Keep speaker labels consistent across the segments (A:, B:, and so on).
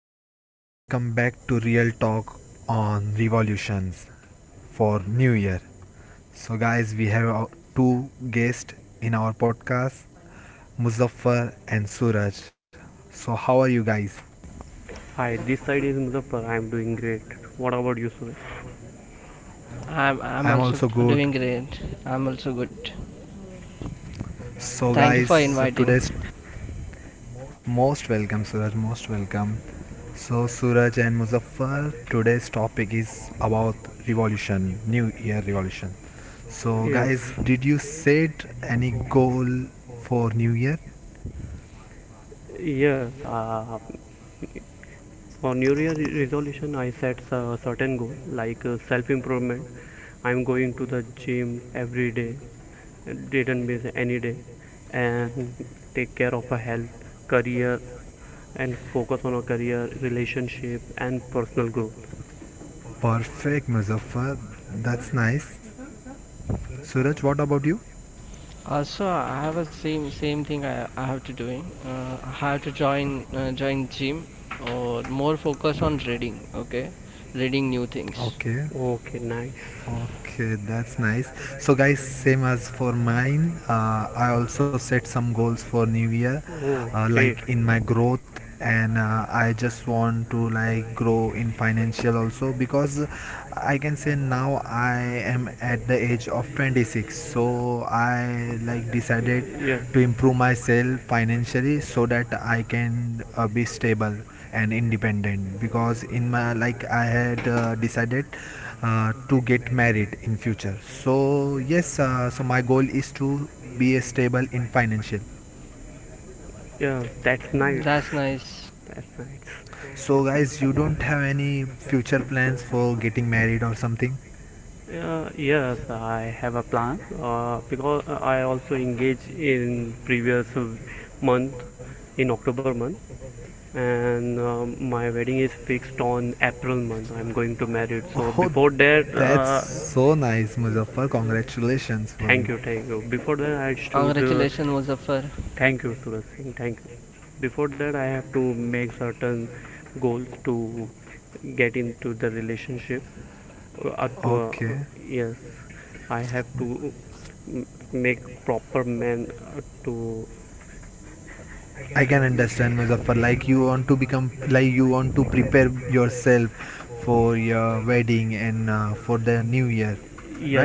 A: everyone, welcome back to Real Talk on Revolutions for New Year. So, guys, we have two guests in our podcast, Muzaffar and Suraj. So, how are you guys?
B: Hi, this side is Muzaffar. I am doing great. What about you, Suresh?
C: I'm
A: I'm
C: I'm
A: also
C: also
A: good.
C: doing great. I'm also good.
A: So,
C: Thank you
A: guys,
C: for
A: so today's...
C: inviting.
A: Most welcome, Suraj. Most welcome. So, Suraj and Muzaffar, today's topic is about revolution, New Year revolution.
B: So,
A: So,
B: Yes,
A: guys, did you set any goal for New Year?
B: Year? Yes. For New Year resolution, I set a certain goal like self improvement. I am going to the gym every day, didn't miss any day, and take care of a health, career, and focus on a career, relationship, and personal growth.
A: Perfect, Muzaffar. That's nice. Suraj, what about you?
C: Also, I have a same thing I have to doing. I have to join gym or more focus on reading. Okay, reading new things.
A: Okay.
B: Okay, nice.
A: Okay, that's nice. So, guys, same as for mine, I also set some goals for New Year,
B: Oh,
A: like
B: great.
A: in my growth, and I just want to like grow in financial also because I can say now I am at the age of 26, so I like decided
B: Yes.
A: to improve myself financially so that I can be stable and independent because in my like I had decided to get married in future so yes so my goal is to be stable in financial.
B: Yeah, that's nice.
C: That's nice.
B: That's nice.
A: So guys, you don't have any future plans for getting married or something?
B: Yes, I have a plan because I also engaged in previous month in October month, and my wedding is fixed on April month. I'm going to marry it. So
A: Oh,
B: before that,
A: that's
B: uh,
A: so nice, Muzaffar, congratulations for
B: Thank
A: you.
B: you, thank you. Before that, I should
C: Congratulations, Muzaffar.
B: thank you, Suraj Singh. Thank you. Before that, I have to make certain goals to get into the relationship. To
A: Okay,
B: Yes, I have to make proper man to
A: I can understand, Muzaffar. Like you want to become, like you want to prepare yourself for your wedding and for the new year,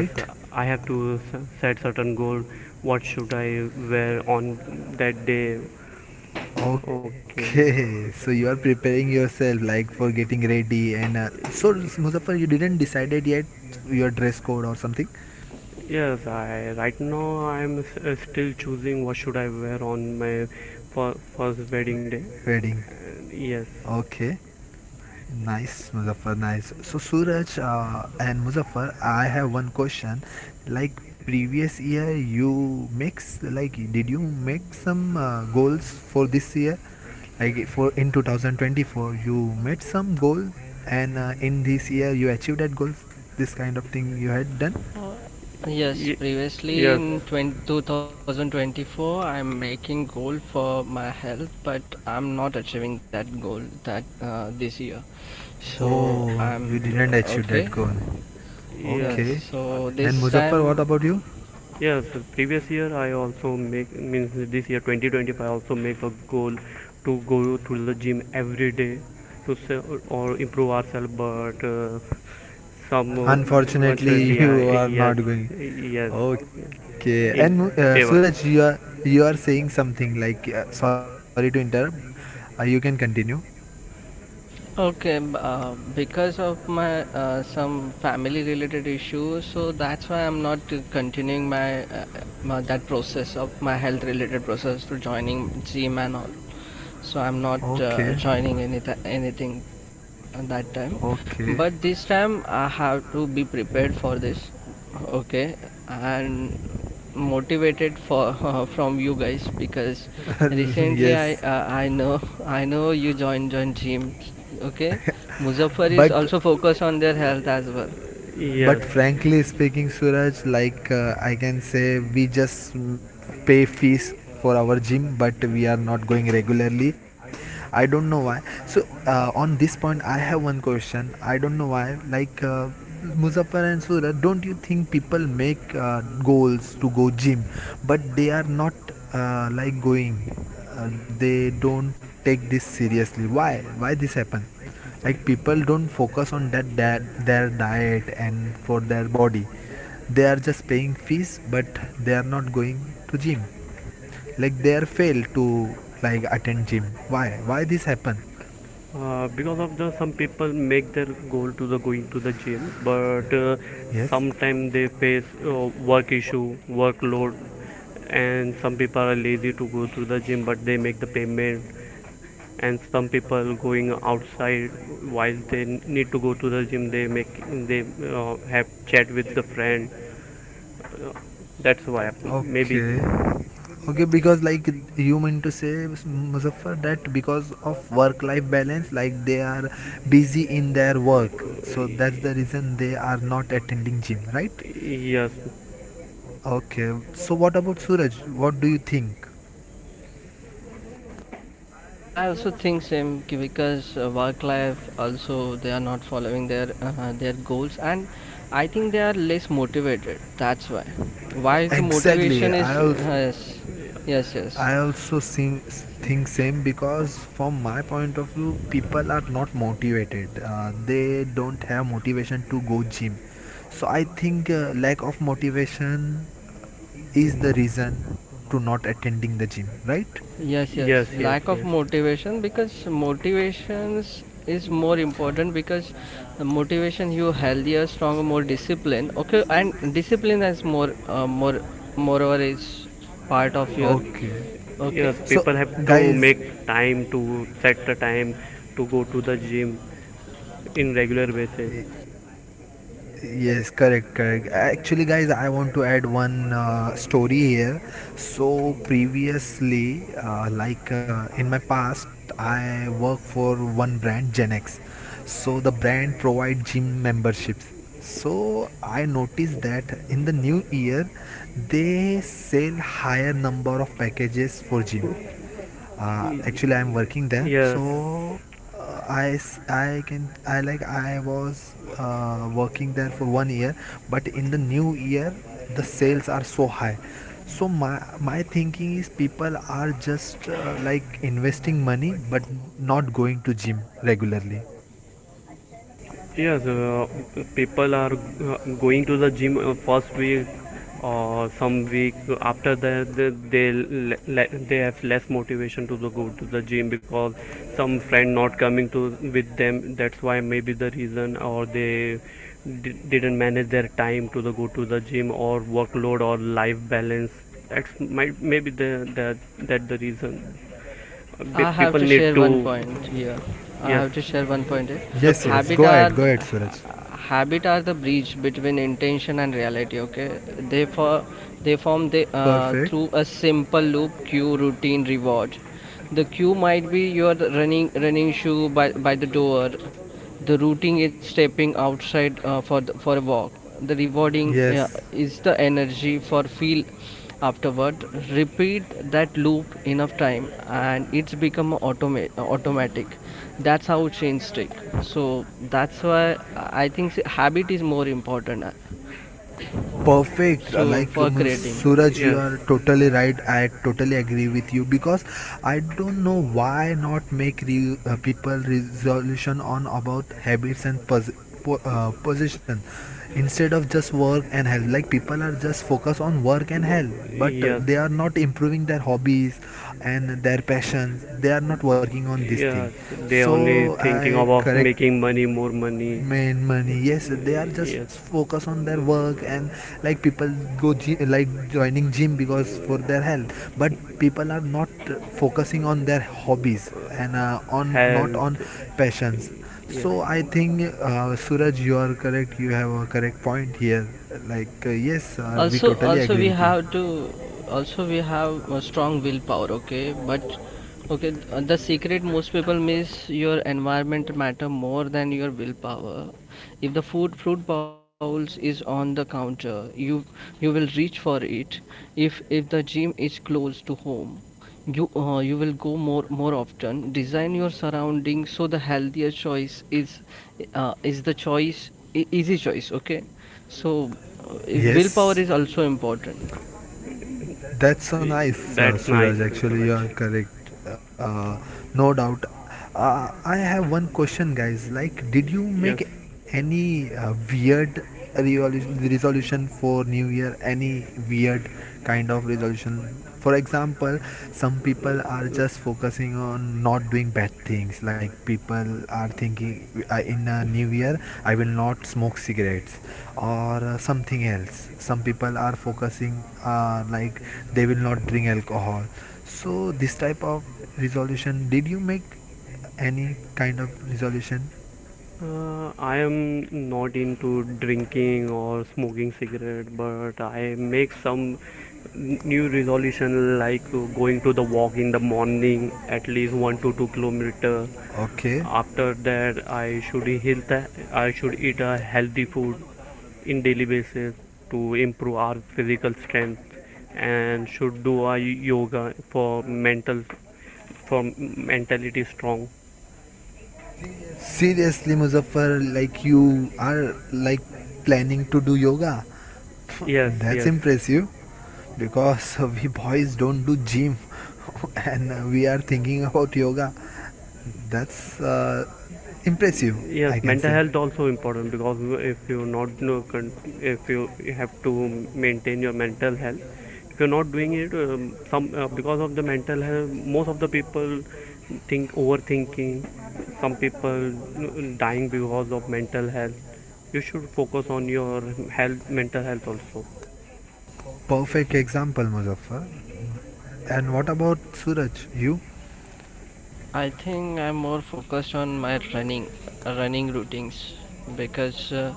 A: yeah, right?
B: I have to set certain goal. What should I wear on that day? Okay.
A: Okay, so you are preparing yourself like for getting ready and so Muzaffar, you didn't decided yet your dress code or something?
B: Yes, I right now I'm still choosing what should I wear on my first wedding day.
A: Wedding.
B: And yes,
A: Okay. Nice, Muzaffar. Nice. So, Suraj and Muzaffar, I have one question. Like previous year, you mix like did you make some goals for this year? Like for in 2024, you made some goal, and in this year you achieved that goal. This kind of thing you had done.
C: Uh, Yes,
B: y-
C: previously
B: yes,
C: in 2024, I'm making goal for my health, but I'm not achieving that goal that this year. So
A: Oh,
C: I'm.
A: you didn't achieve
C: Okay.
A: that goal.
B: yes.
C: Yes,
A: Okay.
B: Uh,
C: so
A: And
C: this
A: Muzaffar, what
C: time.
A: about you?
B: Yes, previous year I also make means this year 2025 I also make a goal to go to the gym every day to or improve ourselves but some
A: Unfortunately,
B: unfortunately I
A: you are
B: yes,
A: not going.
B: yes, yes.
A: Okay.
B: In
A: And
B: endeavor.
A: Suraj, you are saying something like sorry to interrupt. You can continue.
C: Okay, because of my some family related issues, so that's why I'm not continuing my that process of my health related process to joining gym and all. So I'm not
A: Okay.
C: joining anything at that time.
A: Okay.
C: But this time I have to be prepared for this. Okay, and motivated for from you guys because recently
A: yes.
C: I know you joined gyms. Okay, Muzaffar is
A: But
C: also focused on their health as well.
A: But
B: Yes,
A: frankly speaking, Suraj, I can say, we just pay fees for our gym, but we are not going regularly. I don't know why. So on this point, I have one question. I don't know why. Muzaffar and Suraj, don't you think people make goals to go gym, but they are not like going. They don't take this seriously. Why? Why this happen? Like people don't focus on that, that their diet and for their body, they are just paying fees but they are not going to gym, like they are fail to like attend gym. Why this happen?
B: because of the some people make their goal to the going to the gym, but
A: Yes.
B: sometimes they face work issue, workload, and some people are lazy to go to the gym, but they make the payment. And some people going outside while they need to go to the gym, they make they have chat with the friend. Uh, that's why maybe.
A: Okay. Okay because like you mean to say, Muzaffar, that because of work life balance, like they are busy in their work,
B: The
A: so that's the
B: reason
A: reason they are not attending gym, right?
B: yes,
A: Okay, so what about Suraj, what do you think?
C: I also think because work life also they are not following their goals, and I think they are less motivated. That's why. Why is the
A: Exactly, i
C: motivation is
A: also
C: yes. yes
A: i
C: yes
A: also seem, think same because from my point of view people are not motivated, they don't have motivation to go gym. So I think lack of motivation is the reason to not attending the gym, right?
C: Yes,
B: yes,
C: yes.
B: yes,
C: Lack of
B: yes,
C: motivation, because motivations is more important because the motivation you healthier, stronger, more discipline. Okay, and discipline is moreover is part of your.
A: Okay.
C: Okay.
B: yes, people
A: So,
B: have to make
A: guys,
B: time to set the time to go to the gym in regular basis
A: y- yes, correct, correct. Actually, guys, I want to add one story here. So, previously, in my past, I work for one brand, Genex. So, the brand provide gym memberships. So, I noticed that in the new year, they sell higher number of packages for gym. Actually I'm
B: time
A: working there so
B: yes.
A: I can, i was working there for one year but in the new year the sales are so high, so my thinking is people are just like investing money but not going to gym regularly.
B: Yes, uh, People are going to the gym first week or some week after that they have less motivation to the go to the gym because some friend not coming to with them, that's why maybe the reason, or didn't manage their time to the go to the gym or workload or life balance, that's might maybe the that the reason.
C: I have
B: People
C: to
B: need
C: share one
B: to
C: point here. I
B: yes,
C: have to share one point here.
A: Yes,
B: yes,
A: yes, go
B: Suraj.
C: Habit
A: ahead, go
C: are
A: ahead,
C: th-
A: Suraj.
C: ha- habit are the bridge between intention and reality. Okay, they for they form they
A: Perfect.
C: through a simple loop cue routine reward. The cue might be your running shoe by the door. The routine is stepping outside for the, for a walk. The rewarding
A: Yes,
C: is the energy for feel afterward. Repeat that loop enough time and it's become automatic. That's how change stick. So that's why I think habit is more important.
A: perfect.
C: So for creating.
A: Suraj, you
B: Yes.
A: are totally right, I totally agree with you because I don't know why not make people resolution on about habits and position instead of just work and health. Like people are just focus on work and
B: No,
A: health
B: they
A: but
B: yes, are
A: they are
B: not
A: not improving their hobbies and their passions, they are not working
B: involved.
A: on this thing,
B: Yes, so they
A: so
B: only thinking
A: I
B: about
A: correct
B: making money, more money. Made
A: main
B: money, yes,
A: money yes they are
B: yes.
A: just
B: Yes.
A: focus on their work and like people like joining gym because for their health but people are not focusing on their hobbies and on not
B: Health
A: on
B: fitness.
A: passions.
B: Yes.
A: So I think Suraj you are correct, you have a correct point here. Yes we
C: also
A: totally
C: also
A: agree
C: we
A: with you.
C: have to, also we have a strong willpower, okay, but okay, the secret most people miss, your environment matter more than your willpower. If the food fruit bowls is on the counter, you will reach for it. If the gym is close to home, you you will go more often. Design your surroundings so the healthier choice is the easy choice. Okay, so willpower
A: Yes.
C: is also important.
A: That's so nice,
B: That's nice,
A: Suraj.
B: very
A: Actually,
B: Suraj.
A: you are correct. Uh, no doubt. I have one question, guys. Like, did you
B: Yes.
A: make any weird resolution for New Year? Any weird kind of resolution? For example, some people are
B: Uh,
A: just focusing not doing bad things, like people are thinking in a new year I will not smoke cigarettes or something else. Some people are focusing like they will not drink alcohol. So this type of resolution, did you make any kind of resolution?
B: I am not into drinking or smoking cigarette, but I make some new resolution like going to the walk in the morning at least one to two
A: Okay,
B: kilometer. After that, I should eat a healthy food in daily basis to improve our physical strength and should do a yoga for mental for mentality strong.
A: seriously Muzaffar, like you are like planning to do yoga?
B: Yes,
A: That's
B: yes.
A: impressive because we boys don't do gym and we are thinking about yoga. That's impressive,
B: Yes,
A: I can
B: mental
A: say.
B: health also important because if you not no if you have to maintain your mental health, if you're not doing it, some because of the mental health most of the people think overthinking, some people dying because of mental health. You should focus on your health mental health also.
A: Perfect example, Muzaffar. And what about Suraj you?
C: I think I'm more focused on my running routines, because uh,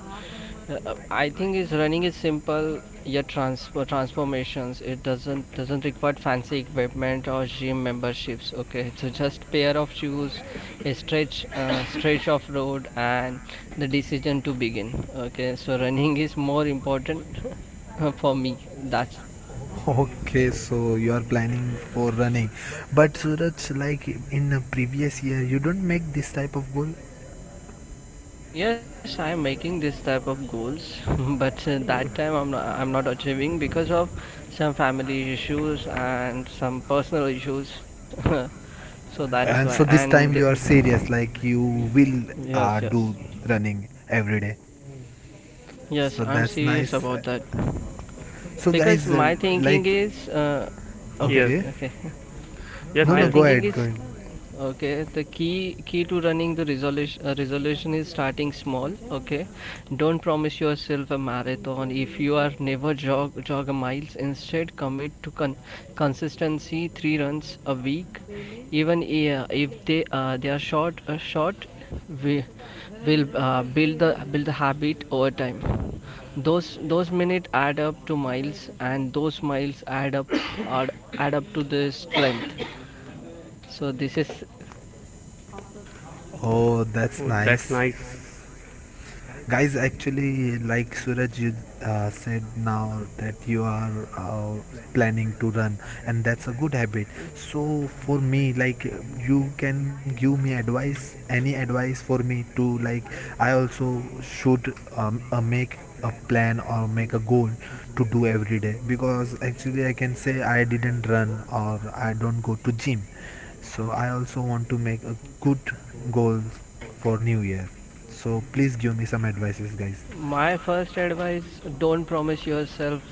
C: uh, I think is running is simple yet transfer transformations. It doesn't require fancy equipment or gym memberships. Okay, so just pair of shoes, a stretch stretch of road, and the decision to begin. Okay, so running is more important for me. That's.
A: Okay, so you are planning for running. But Suraj, like in a previous year you don't make this type of goal.
C: Yes, I'm making this type of goals, but that time I'm not achieving because of some family issues and some personal issues. So that's why.
B: Uh,
A: And so this
C: And
A: time you are serious, like you will
C: yes, yes,
A: do running every day. So
C: yes, I'm
A: that's
C: serious
A: nice.
C: about that,
A: So
C: because
A: guys,
C: my thinking is okay,
B: yes,
A: okay,
C: okay.
B: yes,
A: no,
C: My
A: no,
B: yes.
A: go
C: thinking
A: ahead, go
C: is
A: ahead.
C: okay. The key to running the resolution is starting small. Okay, don't promise yourself a marathon if you are never jog a miles. Instead, commit to consistency, three runs a week, even if they they are short. We will build the habit over time. Those minutes add up to miles, and those miles add up add, add up to the strength. So this is
A: Oh, that's
B: Oh, that's
A: nice.
B: nice.
A: Guys, actually, like Suraj, you said now that you are planning to run, and that's a good habit. So for me, like you can give me advice, any advice for me to like I also should make a plan or make a goal to do every day because actually I can say I didn't run or I don't go to gym. So I also want to make a good goal for New Year. So please give me some advices, guys.
C: my first advice. Don't promise yourself,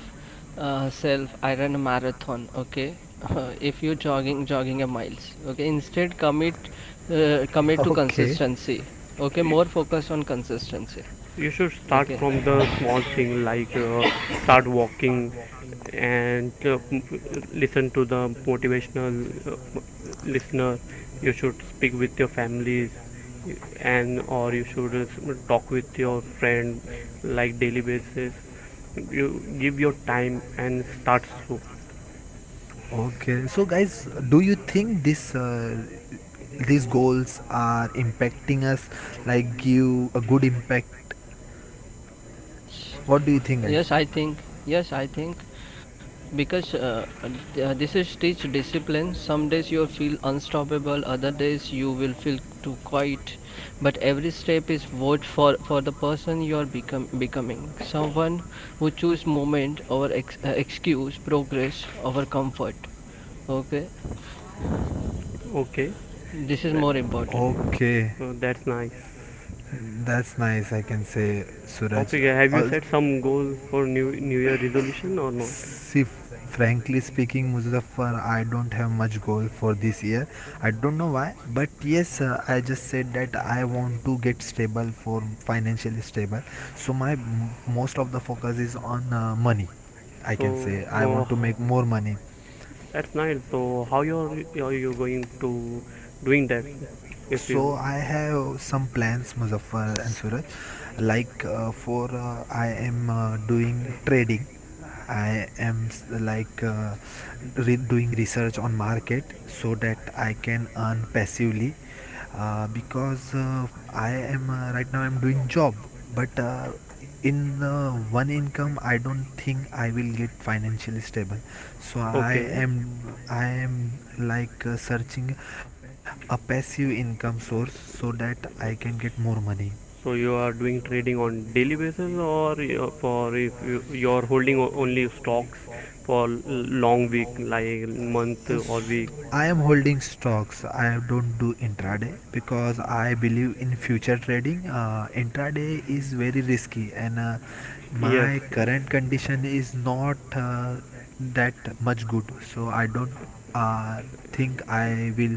C: I run a marathon. Okay, if you're jogging a miles. Okay, instead commit to
A: Okay,
C: consistency. Okay, more focus on consistency.
B: You should start
C: Okay,
B: from the small thing like start walking and listen to the motivational listener. You should speak with your families and or you should talk with your friend like daily basis. You give your time and start slow.
A: okay. So guys, do you think this these goals are impacting us? Like give a good impact?
C: yes,
A: What do you think, guys?
C: yes, I think. Yes, I think. Because this is teach discipline. Some days you'll feel unstoppable, other days you will feel too quiet. But every step is vote for the person you're becoming. Someone who choose moment over excuse, progress over comfort. Okay,
B: Okay,
C: this is
B: that
C: more important.
A: Okay.
B: that's nice.
A: Mm, that's nice, I can say, Suraj.
B: Topic: have
A: Al-
B: you set some goals for new New Year resolution or not?
A: See, frankly speaking, Muzaffar, I don't have much goal for this year. I don't know why, but yes, I just said that I want to get stable for financially stable. So most of the focus is on money. I can
B: So
A: say I
B: uh,
A: want to make more money.
B: that's nice. So how you're are you going to doing that? If
A: So
B: you
A: I have some plans, Muzaffar and Suraj. Like for I am doing trading. I am s- like re- doing research on market so that I can earn passively. Because I am right now I'm doing job, but in uh, one income I don't think I will get financially stable, so i
B: okay,
A: am i am like searching a passive income source so that I can get more money.
B: so you are doing trading on daily basis, for if you you're holding only stocks for long week like month or week.
A: I am holding stocks. I don't do intraday because I believe in future trading. Intraday is very risky, and
B: Yes,
A: my
B: yes.
A: current condition is not that much good. So I don't uh, think I will,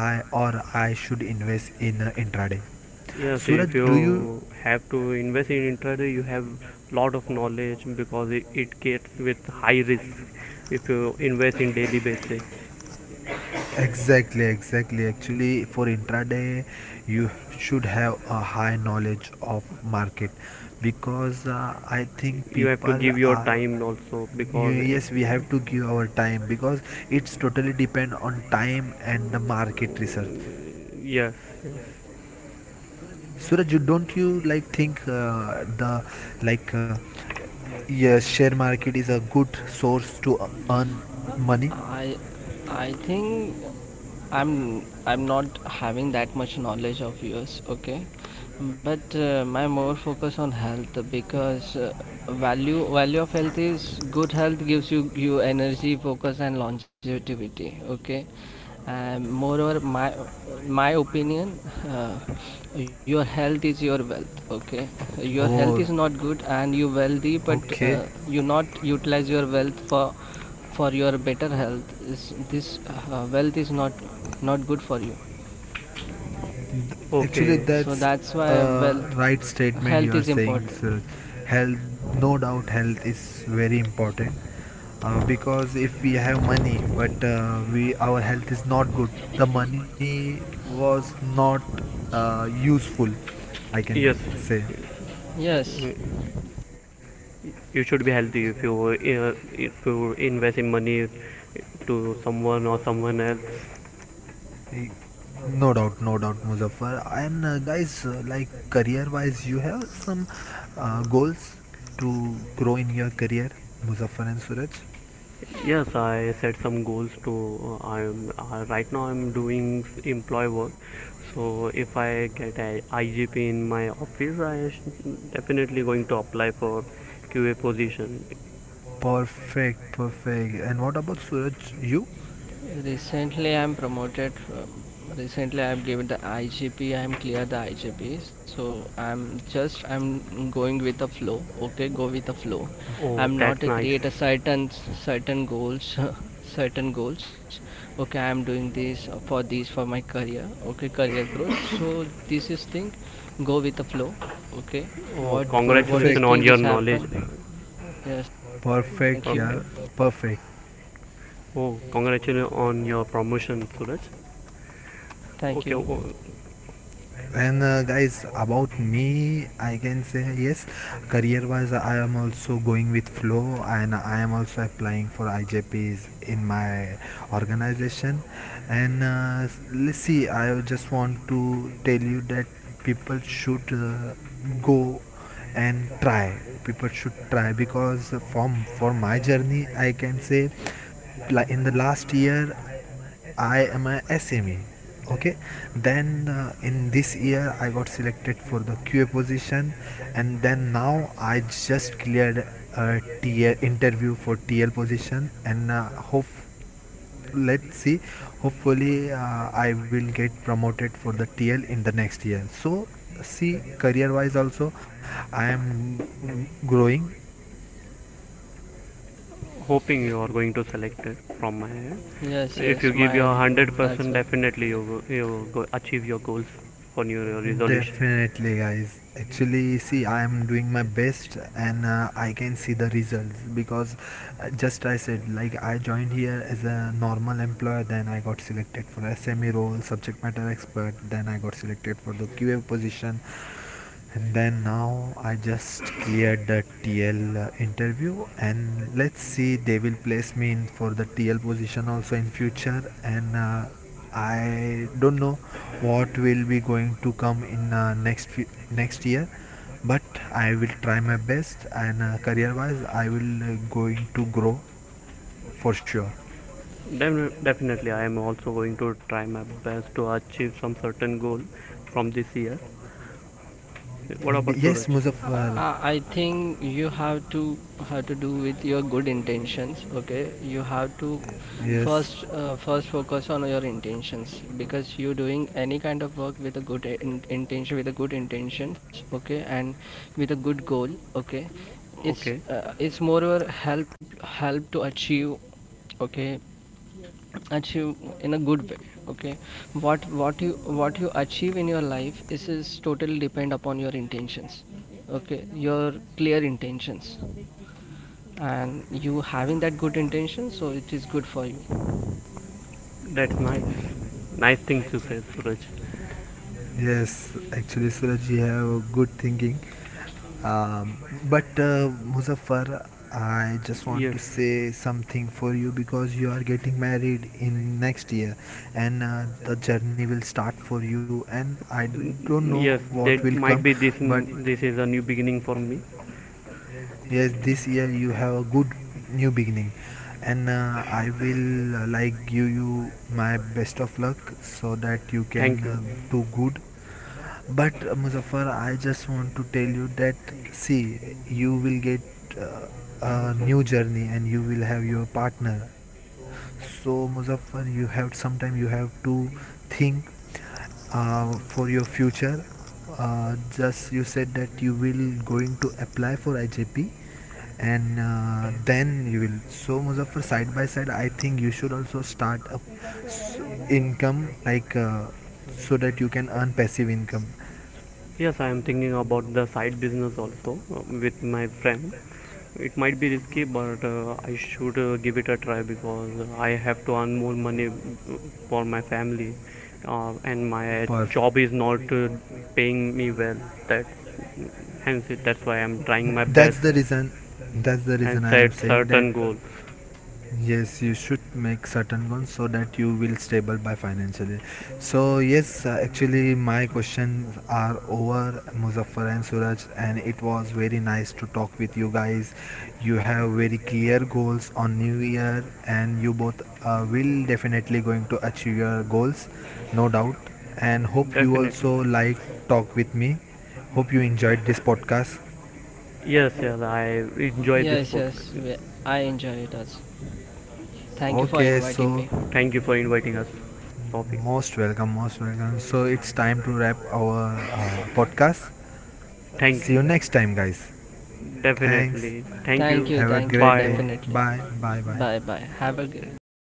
A: I should invest in intraday.
B: Yes, if
A: Suraj, do you...
B: you have to invest in intraday, you have lot of knowledge because it gets with high risk. If you invest in daily basis,
A: Exactly, exactly. Actually, for intraday, you should have a high knowledge of market because I think
B: you have to
A: people
B: give your
A: are.
B: time also because it,
A: Yes, we have to give our time because it's totally depend on time and the market research.
B: yes, yes,
A: Suraj, don't you like think the like yeah, share market is a good source to earn money?
C: I I think I'm I'm not having that much knowledge of yours, okay? But my more focus on health, because value of health is, good health gives you energy, focus and longevity, okay? And moreover, my opinion, uh, your health is your wealth. Okay, your health is
A: Oh,
C: not good, and you wealthy, but
A: okay.
C: you not utilize your wealth for your better health. Is this wealth is not good for you.
A: Actually,
B: okay,
C: So
A: that's
C: that's why
A: a
C: wealth
A: right statement you
C: health
A: are
C: is
A: saying,
C: important.
A: Suraj. Health, no doubt, health is very important because if we have money but we our health is not good, the money was not useful. I can
B: yes.
A: say.
C: Yes.
B: Uh, You should be healthy if you invest in money to someone or someone else.
A: No doubt, no doubt, Muzaffar. And guys, like career-wise, you have some goals to grow in your career, Muzaffar and Suraj.
B: Yes, I set some goals to. I'm Right now I'm doing employee work, so if I get a IGP in my office, definitely going to apply for QA position.
A: Perfect, perfect. And what about Suraj? You?
C: Recently, I'm promoted. From, recently, I've given the IGP. I'm clear the IGP. So I'm just I'm going with the flow. Okay, go with the flow.
B: Oh,
C: I'm not
B: that's
C: to create a
B: nice.
C: certain goals, certain goals. Okay, I'm doing this for my career. Okay, career growth. So this is thing. Go with the flow. Okay,
B: Oh,
C: what what is
B: congratulations on
A: Perfect,
C: thing
B: your
C: is
B: knowledge.
C: happen? Yes.
A: perfect,
C: Thank you.
A: yeah,
B: Perfect.
A: perfect.
B: Oh, congratulations on your promotion, Suraj.
C: Thank
B: Okay,
C: you.
B: oh,
A: And guys about me, I can say yes, career wise I am also going with flow and I am also applying for IJPs in my organization, and let's see. I just want to tell you that people should go and try, people should try because from for my journey I can say like in the last year I am a SME, okay, then in this year I got selected for the QA position and then now I just cleared a TL interview for TL position and hope, let's see, hopefully I will get promoted for the TL in the next year. So see, career wise also I am growing.
B: hoping you are going to select it from my end.
C: Yes.
B: If you
C: Yes.
B: give your one
C: Mine
B: hundred
C: as
B: percent,
C: well.
B: definitely you go achieve your goals for your resolution.
A: Definitely, guys. Actually, see, I am doing my best and I can see the results because just I said, like, I joined here as a normal employer, then I got selected for SME role, subject matter expert, then I got selected for the QA position, and then now I just cleared the TL interview, and let's see, they will place me in for the TL position also in future, and I don't know what will be going to come in next few, next year, but I will try my best and career wise I will going to grow for sure.
B: Definitely, I am also going to try my best to achieve some certain goal from this year. What about
A: Yes,
B: Suraj?
A: Muzaffar.
C: I think you have to do with your good intentions. Okay, you have to
A: Yes,
C: first focus on your intentions, because you're doing any kind of work with a good intention, with a good intentions. Okay, and with a good goal. Okay,
B: Okay,
C: it's moreover help to achieve. Okay, achieve in a good way. Okay, what what you what you achieve in your life is totally depend upon your intentions. Okay, your clear intentions, and you having that good intention, so it is good for you.
B: that's nice. Nice thing to say, Suraj.
A: yes. Actually, Suraj, you have good thinking. Um, but Muzaffar, I just want
B: Yes,
A: to say something for you because you are getting married in next year, and the journey will start for you. And I don't know
B: Yes,
A: what
B: that
A: will
B: might
A: come,
B: be this.
A: but
B: This is a new beginning for me.
A: yes, this year you have a good new beginning, and I will like give you my best of luck so that you can
B: Thank you.
A: do good. But Muzaffar, I just want to tell you that see, you will get uh, a new journey and you will have your partner. So Muzaffar, you have sometime you have to think for your future. Just you said that you will going to apply for IJP and then you will. So Muzaffar, side by side I think you should also start up s- income so that you can earn passive income.
B: Yes, I am thinking about the side business also with my friend. It might be risky, but I should give it a try because I have to earn more money for my family, and my
A: Perf-
B: job is not paying me well. That's hence it, that's why I'm trying my
A: that's
B: best
A: the reason, that's the
B: and
A: reason I am
B: set
A: saying that.
B: certain goals.
A: Yes, you should make certain ones so that you will stable by financially. So yes, actually my questions are over, Muzaffar and Suraj, and it was very nice to talk with you guys. You have very clear goals on New Year, and you both will definitely going to achieve your goals, no doubt. And hope you
B: Definitely.
A: also like talk with me. Hope you enjoyed this podcast.
B: Yes, yes, I enjoy this
C: Yes, yes,
B: podcast.
C: I enjoy it as. Thank you for
A: Okay,
C: inviting me.
A: so...
B: Thank you for inviting us, Sophie.
A: Most welcome, most welcome. So it's time to wrap our podcast. See you
B: Thank you.
A: next time, guys. Thanks.
B: Definitely. Thank
C: Thank
B: you.
A: Have
C: you,
A: a
C: thank
A: great
C: you,
A: day.
B: Bye.
C: definitely.
A: Bye, bye, bye.
C: Bye bye, have a great day.